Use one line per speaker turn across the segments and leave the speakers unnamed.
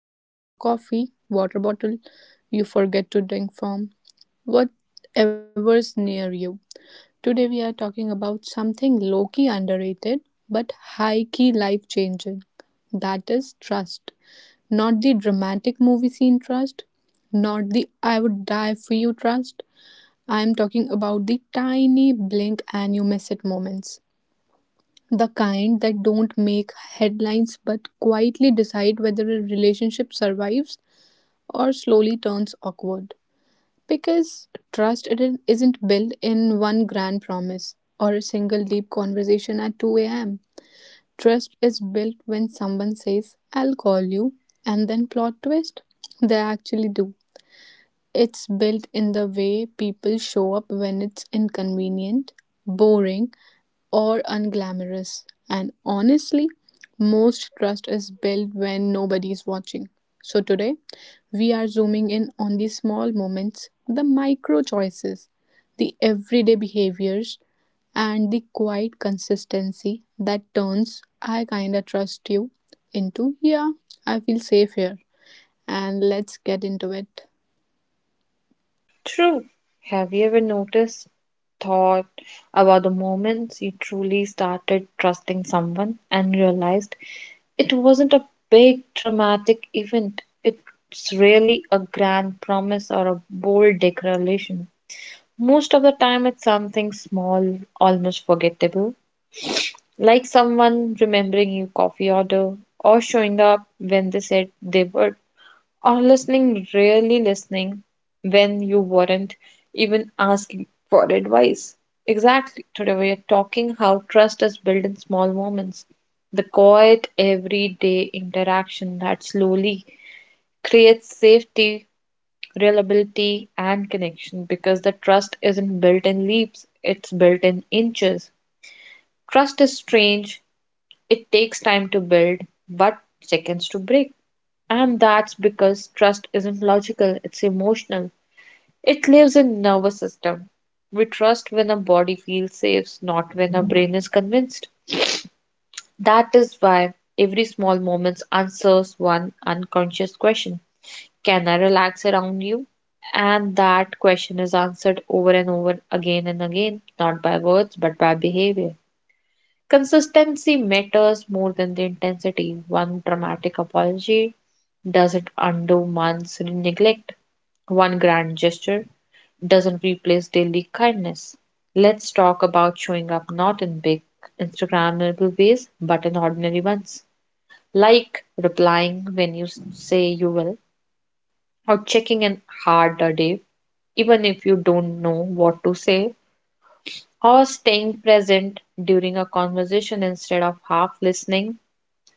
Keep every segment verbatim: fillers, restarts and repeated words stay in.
Grab your coffee, water bottle you forget to drink from, whatever's near you. Today, we are talking about something low key underrated but high key life changing, that is trust. Not the dramatic movie scene trust, not the I would die for you trust. I am talking about the tiny blink and you miss it moments, the kind that don't make headlines but quietly decide whether a relationship survives or slowly turns awkward. Because trust, it isn't built in one grand promise or a single deep conversation at two a m. Trust is built when someone says, I'll call you, and then plot twist. They actually do. It's built in the way people show up when it's inconvenient, boring, or unglamorous. And honestly, most trust is built when nobody is watching. So today, we are zooming in on the small moments, the micro choices, the everyday behaviors, and the quiet consistency that turns I kinda trust you into yeah, I feel safe here. And let's get into it.
True. Have you ever noticed, thought about the moments you truly started trusting someone and realized it wasn't a big dramatic event? It's really a grand promise or a bold declaration. Most of the time, it's something small, almost forgettable, like someone remembering your coffee order or showing up when they said they would or listening, really listening, when you weren't even asking for advice. Exactly. Today we are talking how trust is built in small moments, the quiet, everyday interaction that slowly creates safety, reliability, and connection because the trust isn't built in leaps, it's built in inches. Trust is strange, it takes time to build, but seconds to break. And that's because trust isn't logical, it's emotional. It lives in nervous system. We trust when our body feels safe, not when our brain is convinced. That is why every small moment answers one unconscious question. Can I relax around you? And that question is answered over and over again and again, not by words but by behavior. Consistency matters more than the intensity. One dramatic apology doesn't undo months' neglect. One grand gesture doesn't replace daily kindness. Let's talk about showing up not in big Instagrammable ways, but in ordinary ones, like replying when you s- say you will, or checking in hard a day, even if you don't know what to say, or staying present during a conversation instead of half listening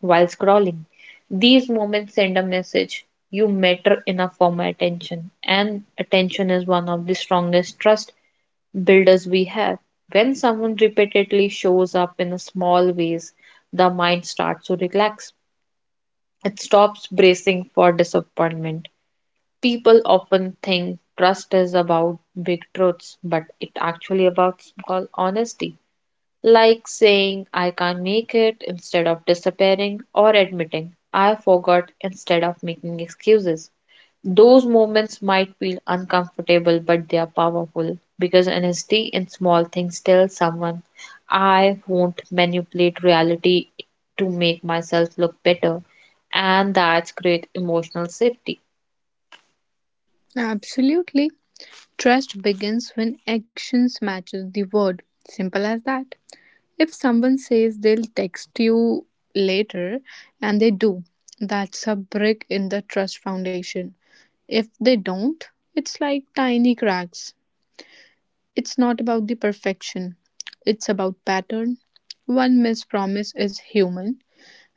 while scrolling. These moments send a message you matter enough for my attention, and attention is one of the strongest trust builders we have. When someone repeatedly shows up in small ways, the mind starts to relax. It stops bracing for disappointment. People often think trust is about big truths, but it actually about small honesty like saying I can't make it instead of disappearing or admitting I forgot instead of making excuses. Those moments might feel uncomfortable, but they are powerful because honesty in small things tells someone I won't manipulate reality to make myself look better, and that's great emotional safety.
Absolutely. Trust begins when actions matches the word. Simple as that. If someone says they'll text you later and they do, that's a brick in the trust foundation. If they don't, it's like tiny cracks. It's not about the perfection, it's about pattern. One missed promise is human,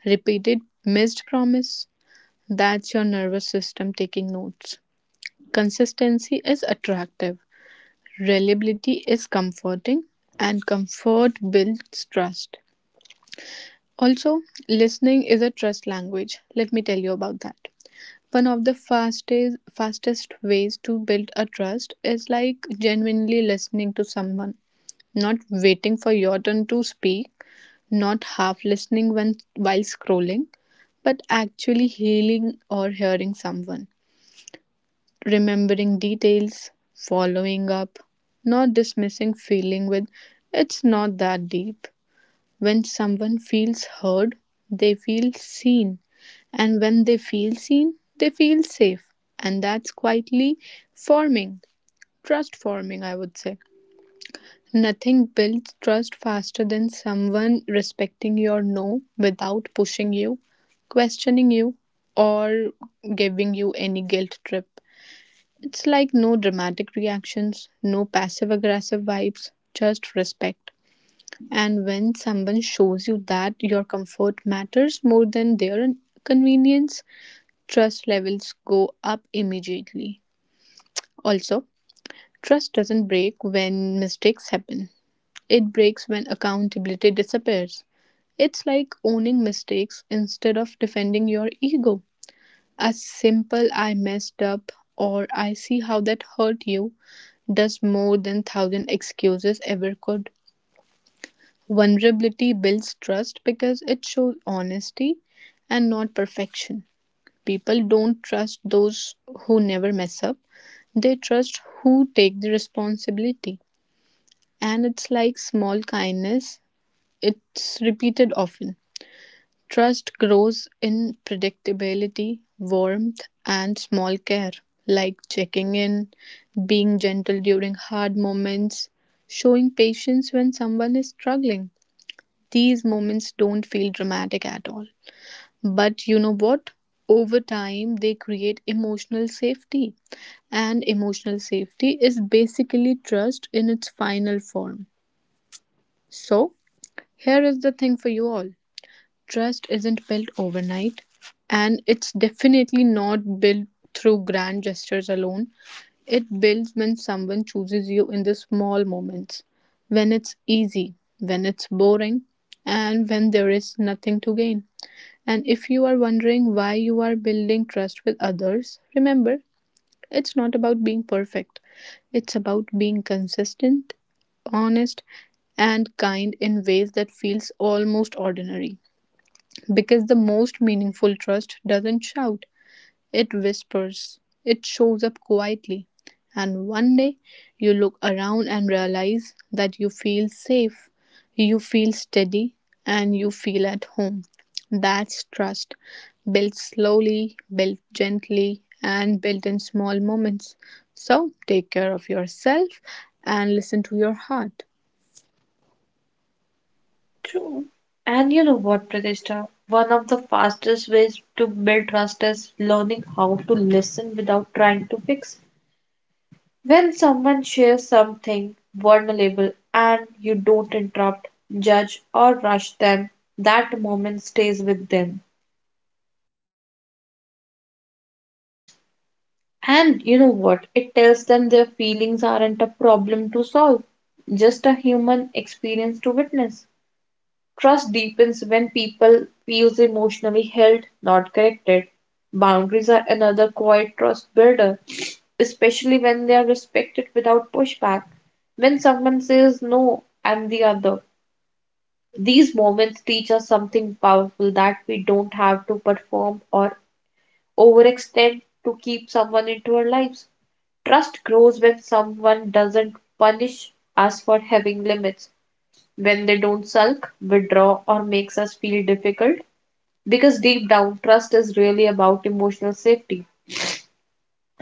repeated missed promise, that's your nervous system taking notes. Consistency is attractive, reliability is comforting, and comfort builds trust. Also, listening is a trust language. Let me tell you about that. One of the fastest fastest ways to build a trust is like genuinely listening to someone, not waiting for your turn to speak, not half listening when while scrolling, but actually healing or hearing someone, remembering details, following up, not dismissing feeling with it's not that deep. When someone feels heard, they feel seen. And when they feel seen, they feel safe. And that's quietly forming, trust forming, I would say. Nothing builds trust faster than someone respecting your no without pushing you, questioning you, or giving you any guilt trip. It's like no dramatic reactions, no passive aggressive vibes, just respect. And when someone shows you that your comfort matters more than their convenience, trust levels go up immediately. Also, trust doesn't break when mistakes happen, it breaks when accountability disappears. It's like owning mistakes instead of defending your ego. A simple I messed up or I see how that hurt you does more than thousand excuses ever could. Vulnerability builds trust because it shows honesty and not perfection. People don't trust those who never mess up. They trust who take the responsibility. And it's like small kindness, it's repeated often. Trust grows in predictability, warmth, and small care, like checking in, being gentle during hard moments, showing patience when someone is struggling. These moments don't feel dramatic at all. But you know what? Over time, they create emotional safety. And emotional safety is basically trust in its final form. So, here is the thing for you all, trust isn't built overnight, and it's definitely not built through grand gestures alone. It builds when someone chooses you in the small moments, when it's easy, when it's boring, and when there is nothing to gain. And if you are wondering why you are building trust with others, remember it's not about being perfect, it's about being consistent, honest, and kind in ways that feels almost ordinary, because the most meaningful trust doesn't shout, it whispers, it shows up quietly, and one day you look around and realize that you feel safe, you feel steady, and you feel at home. That's trust, built slowly, built gently, and built in small moments. So take care of yourself and listen to your heart.
True. And you know what, Pratishta? One of the fastest ways to build trust is learning how to listen without trying to fix. When someone shares something vulnerable and you don't interrupt, judge, or rush them, that moment stays with them. And you know what? It tells them their feelings aren't a problem to solve, just a human experience to witness. Trust deepens when people feels emotionally held, not corrected. Boundaries are another quiet trust builder, especially when they are respected without pushback. When someone says no, I'm the other. These moments teach us something powerful that we don't have to perform or overextend to keep someone into our lives. Trust grows when someone doesn't punish us for having limits, when they don't sulk, withdraw, or makes us feel difficult because deep down, trust is really about emotional safety,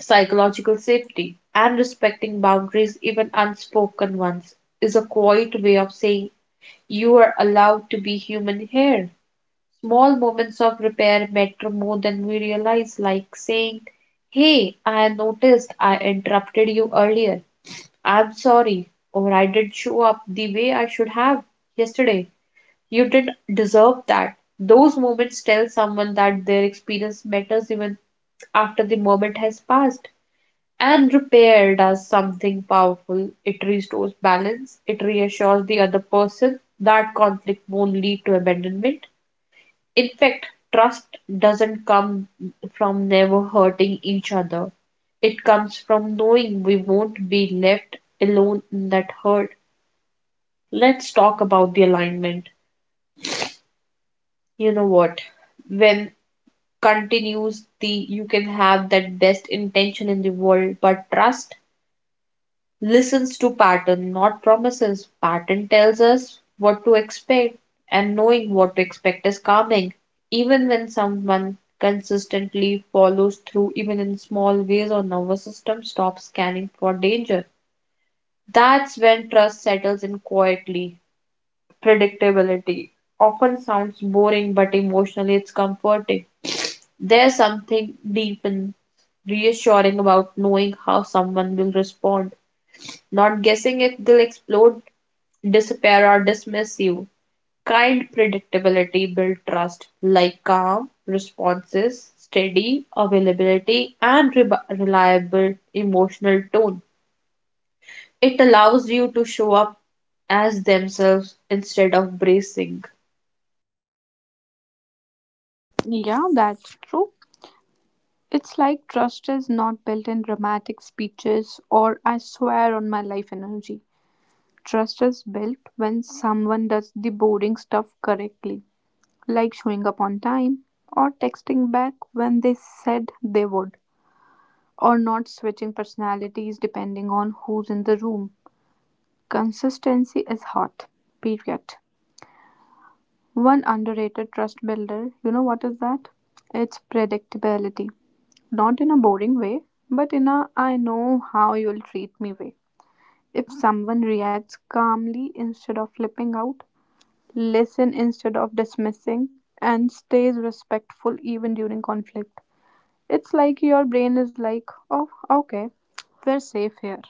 psychological safety, and respecting boundaries, even unspoken ones, is a quiet way of saying you are allowed to be human here. Small moments of repair matter more than we realize, like saying, Hey, I noticed I interrupted you earlier. I'm sorry, or I did not show up the way I should have yesterday. You did deserve that. Those moments tell someone that their experience matters even after the moment has passed. And repair does something powerful. It restores balance, it reassures the other person that conflict won't lead to abandonment. In fact, trust doesn't come from never hurting each other, it comes from knowing we won't be left alone in that hurt. Let's talk about the alignment. You know what? When continues the you can have that best intention in the world, but trust listens to pattern, not promises. Pattern tells us what to expect, and knowing what to expect is calming. Even when someone consistently follows through even in small ways, our nervous system stops scanning for danger. That's when trust settles in quietly. Predictability often sounds boring, but emotionally it's comforting. There's something deep and reassuring about knowing how someone will respond, not guessing if they'll explode, disappear, or dismiss you. Kind predictability builds trust, like calm responses, steady availability, and re- reliable emotional tone. It allows you to show up as themselves instead of bracing.
Yeah, that's true. It's like trust is not built in dramatic speeches or I swear on my life energy. Trust is built when someone does the boring stuff correctly, like showing up on time, or texting back when they said they would, or not switching personalities depending on who's in the room. Consistency is hot, period. One underrated trust builder, you know what is that? It's predictability. Not in a boring way, but in a I know how you'll treat me way. If someone reacts calmly instead of flipping out, listen instead of dismissing, and stays respectful even during conflict. It's like your brain is like, oh, okay, we're safe here.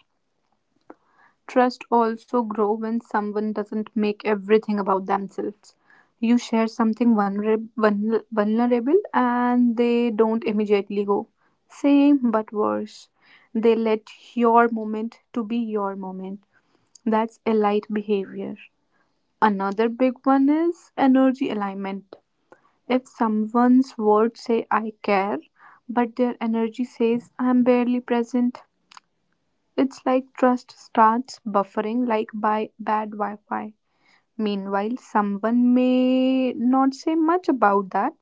Trust also grow when someone doesn't make everything about themselves. You share something vulner vulner- vulnerable and they don't immediately go. Same but worse. They let your moment to be your moment. That's elite behavior. Another big one is energy alignment. If someone's words say "I care" but their energy says "I'm barely present," it's like trust starts buffering like by bad Wi-Fi. Meanwhile, someone may not say much about that,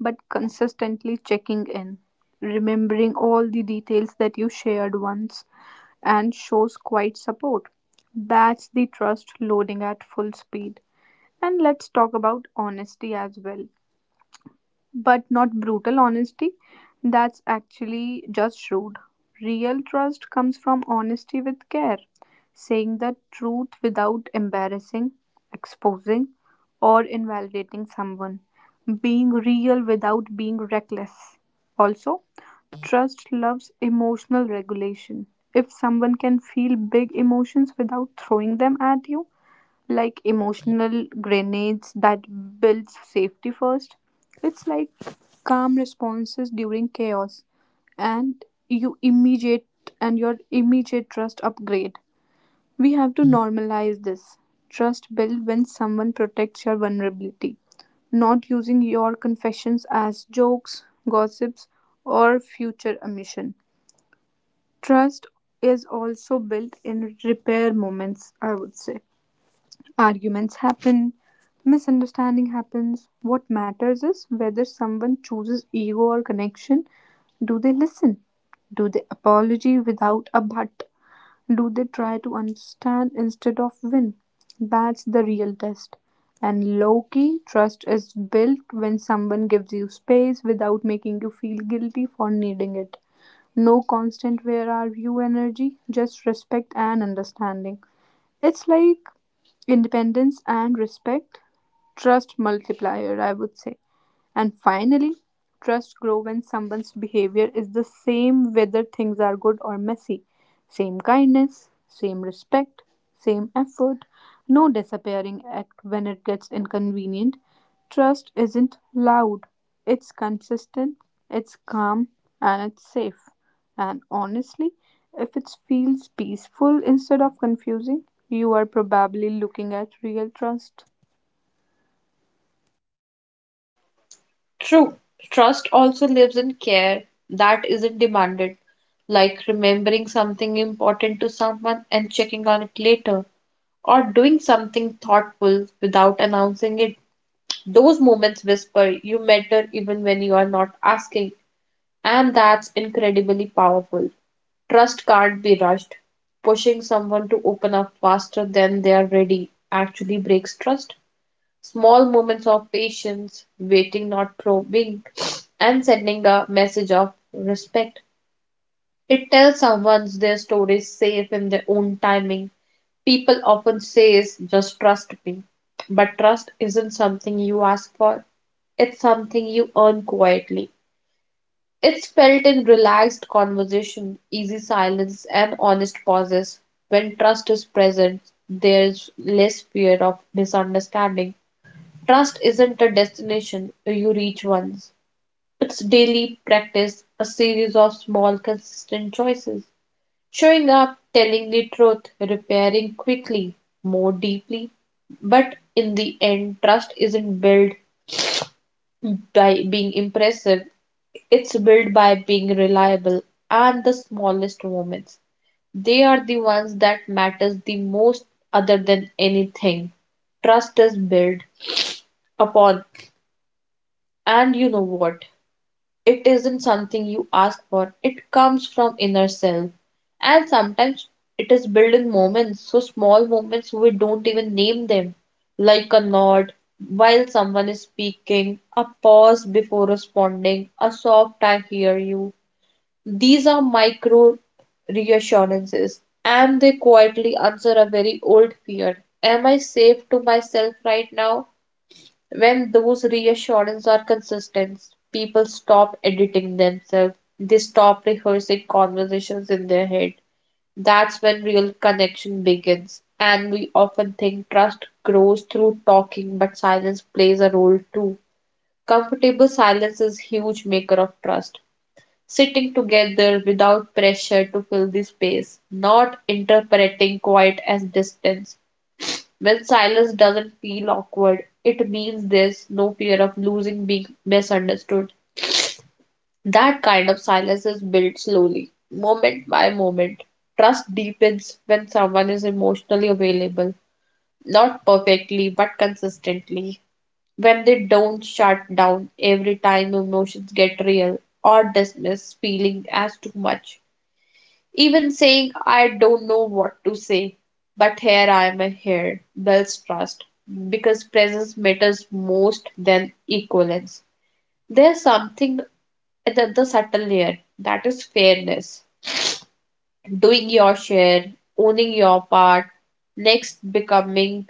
but consistently checking in, remembering all the details that you shared once, and shows quite support. That's the trust loading at full speed. And let's talk about honesty as well, but not brutal honesty. That's actually just rude. Real trust comes from honesty with care, saying the truth without embarrassing, exposing, or invalidating someone, being real without being reckless. Also, trust loves emotional regulation. If someone can feel big emotions without throwing them at you, like emotional grenades, that builds safety first. It's like calm responses during chaos and you immediate and your immediate trust upgrade. We have to normalize this. Trust build when someone protects your vulnerability, not using your confessions as jokes, gossips, or future omission. Trust is also built in repair moments, I would say. Arguments happen, misunderstanding happens. What matters is whether someone chooses ego or connection. Do they listen? Do they apology without a but? Do they try to understand instead of win? That's the real test. And low key, trust is built when someone gives you space without making you feel guilty for needing it. No constant where are you energy, just respect and understanding. It's like independence and respect, trust multiplier, I would say. And finally, trust grows when someone's behavior is the same whether things are good or messy. Same kindness, same respect, same effort, no disappearing act when it gets inconvenient. Trust isn't loud, it's consistent, it's calm, and it's safe. And honestly, if it feels peaceful instead of confusing, you are probably looking at real trust.
True, trust also lives in care that isn't demanded, like remembering something important to someone and checking on it later, or doing something thoughtful without announcing it. Those moments whisper, You matter even when you are not asking, and that's incredibly powerful. Trust can't be rushed. Pushing someone to open up faster than they are ready actually breaks trust. Small moments of patience, waiting, not probing, and sending a message of respect. It tells someone their story is safe in their own timing. People often say, just trust me. But trust isn't something you ask for. It's something you earn quietly. It's felt in relaxed conversation, easy silence, and honest pauses. When trust is present, there's less fear of misunderstanding. Trust isn't a destination you reach once. It's daily practice, a series of small, consistent choices. Showing up, telling the truth, repairing quickly, more deeply. But in the end, trust isn't built by being impressive, it's built by being reliable and the smallest moments. They are the ones that matters the most other than anything. Trust is built upon, and you know what, it isn't something you ask for. It comes from inner self. And sometimes it is built in moments, so small moments we don't even name them, like a nod while someone is speaking, a pause before responding, a soft I hear you. These are micro reassurances and they quietly answer a very old fear. Am I safe to myself right now? When those reassurances are consistent, people stop editing themselves. They stop rehearsing conversations in their head. That's when real connection begins. And we often think trust grows through talking, but silence plays a role too. Comfortable silence is a huge maker of trust. Sitting together without pressure to fill the space, not interpreting quiet as distance. When silence doesn't feel awkward, it means there's no fear of losing, being misunderstood. That kind of silence is built slowly, moment by moment. Trust deepens when someone is emotionally available, not perfectly, but consistently. When they don't shut down every time emotions get real or dismiss feeling as too much, even saying I don't know what to say, but here I am here, builds trust because presence matters most than equivalence. There's something at the, the subtle layer that is fairness, doing your share, owning your part, next becoming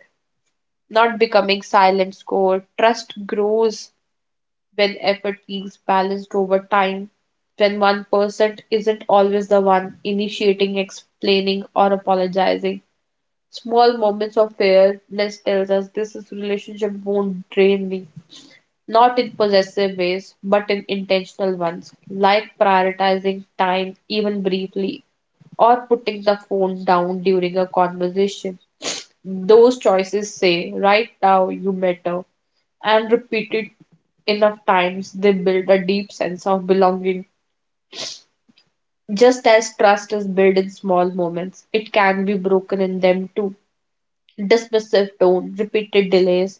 not becoming silent score. Trust grows when effort feels balanced over time when one person isn't always the one initiating, explaining, or apologizing. Small moments of fairness tells us this is relationship won't drain me. Not in possessive ways, but in intentional ones, like prioritizing time even briefly or putting the phone down during a conversation. Those choices say, right now you matter, and repeated enough times, they build a deep sense of belonging. Just as trust is built in small moments, it can be broken in them too. Dismissive tone, repeated delays,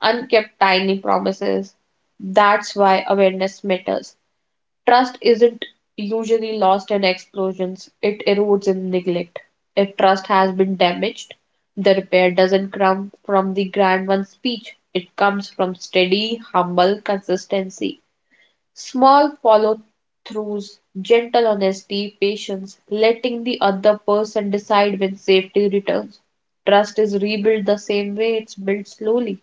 unkept tiny promises. That's why awareness matters. Trust isn't usually lost in explosions, it erodes in neglect. If trust has been damaged, the repair doesn't come from the grand one's speech, it comes from steady, humble consistency. Small follow throughs, gentle honesty, patience, letting the other person decide when safety returns. Trust is rebuilt the same way it's built slowly.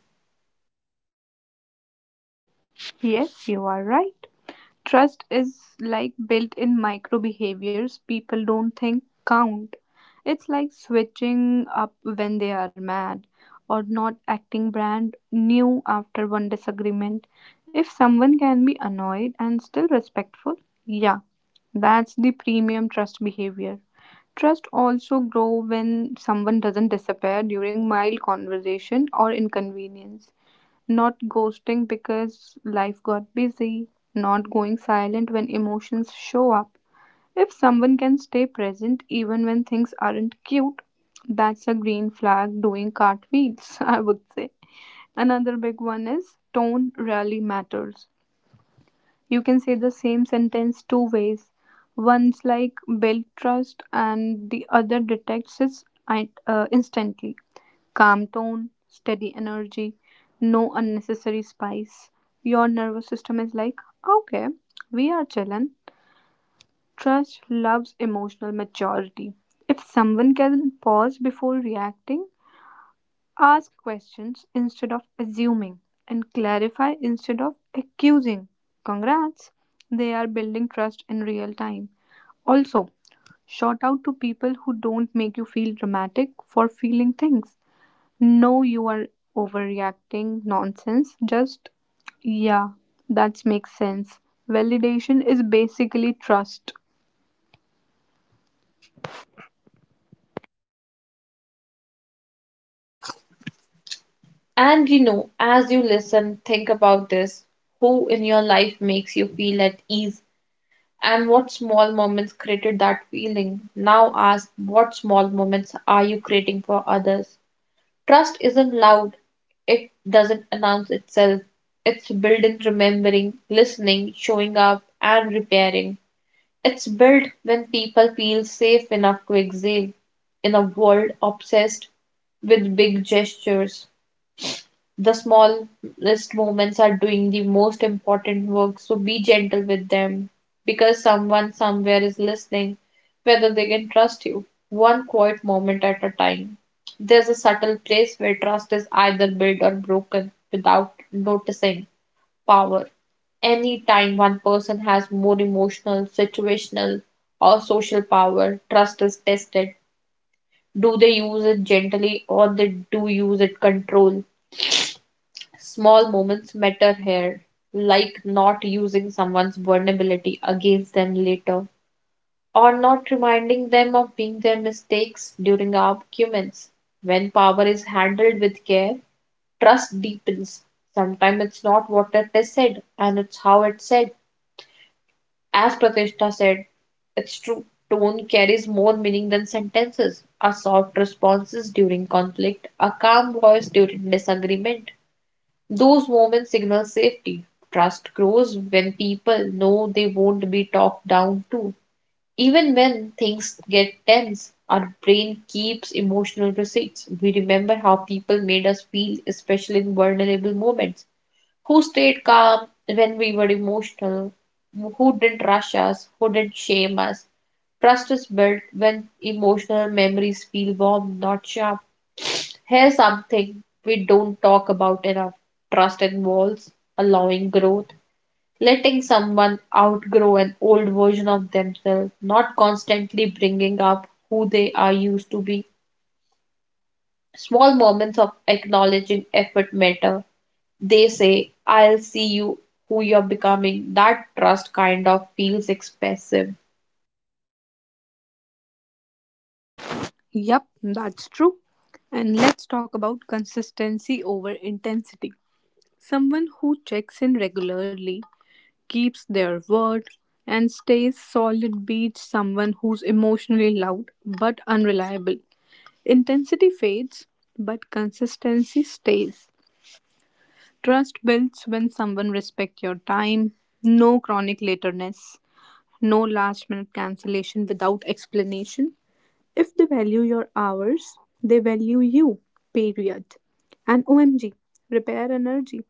Yes, you are right. Trust is like built in micro behaviors people don't think count. It's like switching up when they are mad or not acting brand new after one disagreement. If someone can be annoyed and still respectful, yeah, that's the premium trust behavior. Trust also grow when someone doesn't disappear during mild conversation or inconvenience, not ghosting because life got busy, not going silent when emotions show up. If someone can stay present even when things aren't cute, that's a green flag doing cartwheels, I would say. Another big one is tone really matters. You can say the same sentence two ways. One's like build trust, and the other detects it uh, instantly. Calm tone, steady energy, no unnecessary spice. Your nervous system is like, okay, we are chillin'. Trust loves emotional maturity. If someone can pause before reacting, ask questions instead of assuming, and clarify instead of accusing. Congrats! They are building trust in real time. Also, shout out to people who don't make you feel dramatic for feeling things. No, you are overreacting nonsense. Just, yeah, that makes sense. Validation is basically trust.
And you know, as you listen, think about this: who in your life makes you feel at ease, and what small moments created that feeling. Now ask what small moments are you creating for others? Trust isn't loud, it doesn't announce itself. It's built in remembering, listening, showing up, and repairing. It's built when people feel safe enough to exhale. In a world obsessed with big gestures, the smallest moments are doing the most important work, so be gentle with them, because someone somewhere is listening whether they can trust you one quiet moment at a time. There's a subtle place where trust is either built or broken without noticing. Power. Any time one person has more emotional, situational, or social power, trust is tested. Do they use it gently, or they do use it control? Small moments matter here, like not using someone's vulnerability against them later, or not reminding them of being their mistakes during arguments. When power is handled with care, trust deepens. Sometimes it's not what it is said, and it's how it's said. As Pratishta said, it's true. Tone carries more meaning than sentences. A soft responses during conflict, a calm voice during disagreement, those moments signal safety. Trust grows when people know they won't be talked down to. Even when things get tense, our brain keeps emotional receipts. We remember how people made us feel, especially in vulnerable moments. Who stayed calm when we were emotional? Who didn't rush us? Who didn't shame us? Trust is built when emotional memories feel warm, not sharp. Here's something we don't talk about enough: trust involves allowing growth, letting someone outgrow an old version of themselves, not constantly bringing up who they are used to be. Small moments of acknowledging effort matter. They say, I'll see you who you're becoming. That trust kind of feels expressive.
Yep, that's true. And let's talk about consistency over intensity. Someone who checks in regularly, keeps their word, and stays solid beats someone who's emotionally loud but unreliable. Intensity fades, but consistency stays. Trust builds when someone respects your time, no chronic lateness, no last minute cancellation without explanation. If they value your hours, they value you, period. And O M G, repair energy.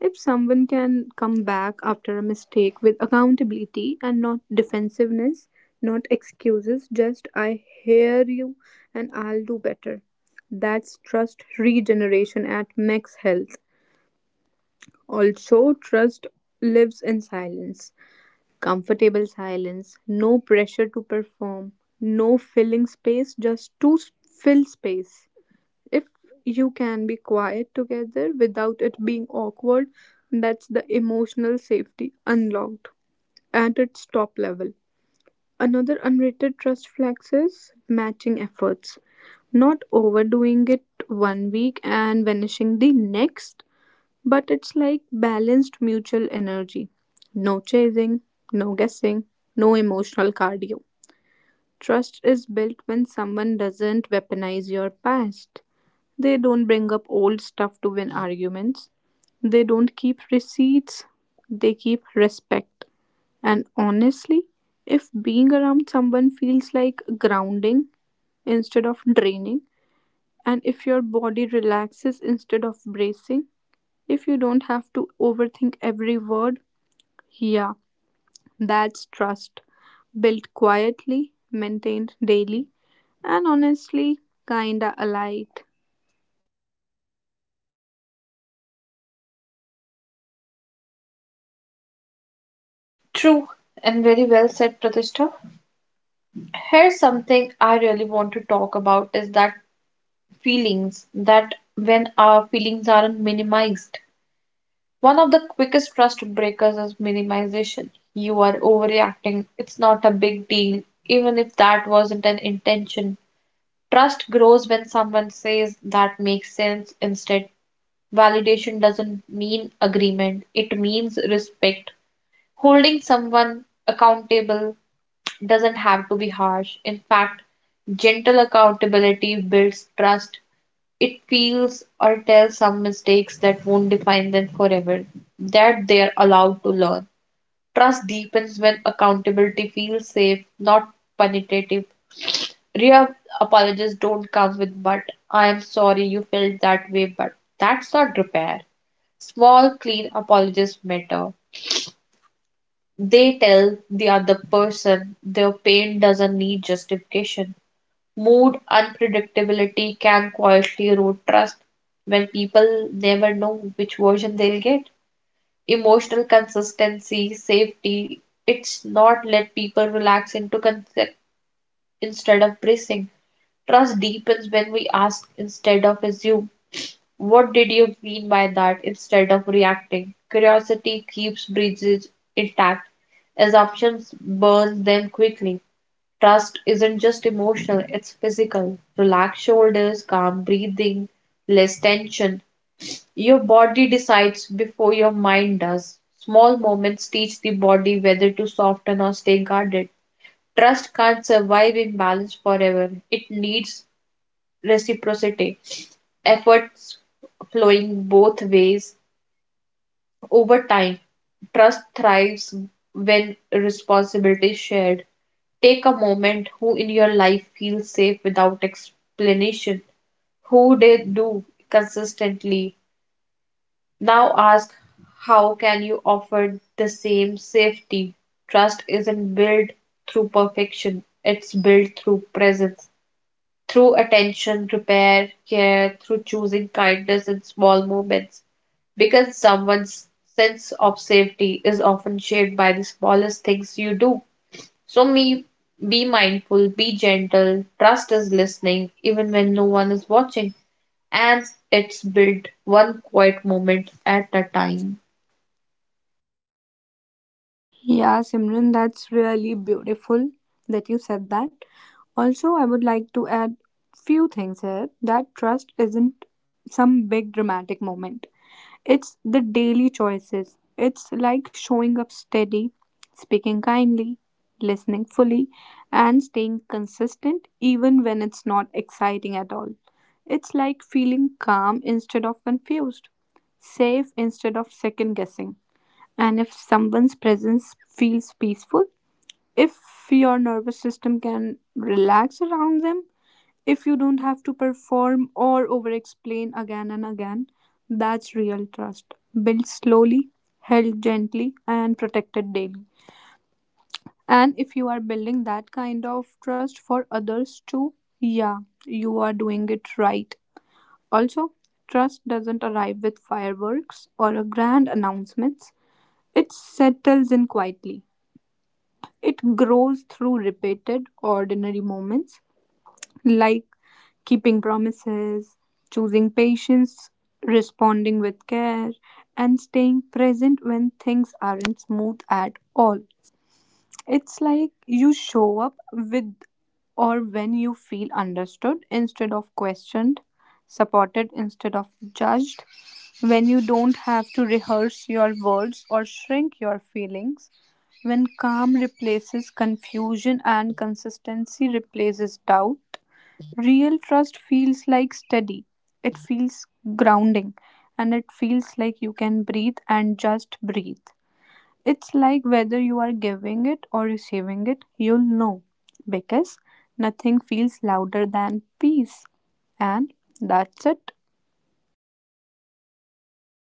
If someone can come back after a mistake with accountability and not defensiveness, not excuses, just I hear you and I'll do better. That's trust regeneration at max health. Also, trust lives in silence, comfortable silence, no pressure to perform, no filling space, just to s- fill space. If you can be quiet together without it being awkward, that's the emotional safety unlocked at its top level. Another unrated trust flex is matching efforts, not overdoing it one week and vanishing the next, but it's like balanced mutual energy. No chasing, no guessing, no emotional cardio. Trust is built when someone doesn't weaponize your past. They don't bring up old stuff to win arguments. They don't keep receipts. They keep respect. And honestly, if being around someone feels like grounding instead of draining, and if your body relaxes instead of bracing, if you don't have to overthink every word, yeah, that's trust. Built quietly, maintained daily, and honestly, kinda alight.
True and very well said, Pratishtha. Here's something I really want to talk about is that feelings that when our feelings are minimized. One of the quickest trust breakers is minimization. You are overreacting. It's not a big deal, even if that wasn't an intention. Trust grows when someone says that makes sense instead. Validation doesn't mean agreement, it means respect. Holding someone accountable doesn't have to be harsh. In fact, gentle accountability builds trust. It feels or tells some mistakes that won't define them forever, that they are allowed to learn. Trust deepens when accountability feels safe, not punitive. Real apologies don't come with but I am sorry you felt that way, but that's not repair. Small, clean apologies matter. They tell the other person their pain doesn't need justification. Mood unpredictability can quietly erode trust when people never know which version they'll get. Emotional consistency, safety, it's not let people relax into concept instead of bracing. Trust deepens when we ask instead of assume. What did you mean by that instead of reacting? Curiosity keeps bridges intact. Assumptions burn them quickly. Trust isn't just emotional, it's physical. Relaxed shoulders, calm breathing, less tension. Your body decides before your mind does. Small moments teach the body whether to soften or stay guarded. Trust can't survive in balance forever. It needs reciprocity, efforts flowing both ways over time. Trust thrives when responsibility is shared. Take a moment who in your life feels safe without explanation, who they do consistently. Now ask how can you offer the same safety? Trust isn't built through perfection, it's built through presence, through attention, repair, care, through choosing kindness in small moments. Because someone's sense of safety is often shaped by the smallest things you do, so me be mindful, be gentle, trust is listening even when no one is watching, and it's built one quiet moment at a time.
Yeah, Simran, that's really beautiful that you said that. Also, I would like to add few things here, that trust isn't some big dramatic moment. It's the daily choices. It's like showing up steady, speaking kindly, listening fully, and staying consistent even when it's not exciting at all. It's like feeling calm instead of confused, safe instead of second guessing. And if someone's presence feels peaceful, if your nervous system can relax around them, if you don't have to perform or over explain again and again, that's real trust. Built slowly, held gently, and protected daily. And if you are building that kind of trust for others too, yeah, you are doing it right. Also, trust doesn't arrive with fireworks or a grand announcements. It settles in quietly. It grows through repeated ordinary moments, like keeping promises, choosing patience, responding with care, and staying present when things aren't smooth at all. It's like you show up with, or when you feel understood instead of questioned, supported instead of judged, when you don't have to rehearse your words or shrink your feelings, when calm replaces confusion and consistency replaces doubt. Real trust feels like steady, it feels grounding, and it feels like you can breathe and just breathe. It's like whether you are giving it or receiving it, you'll know, because nothing feels louder than peace. And that's it.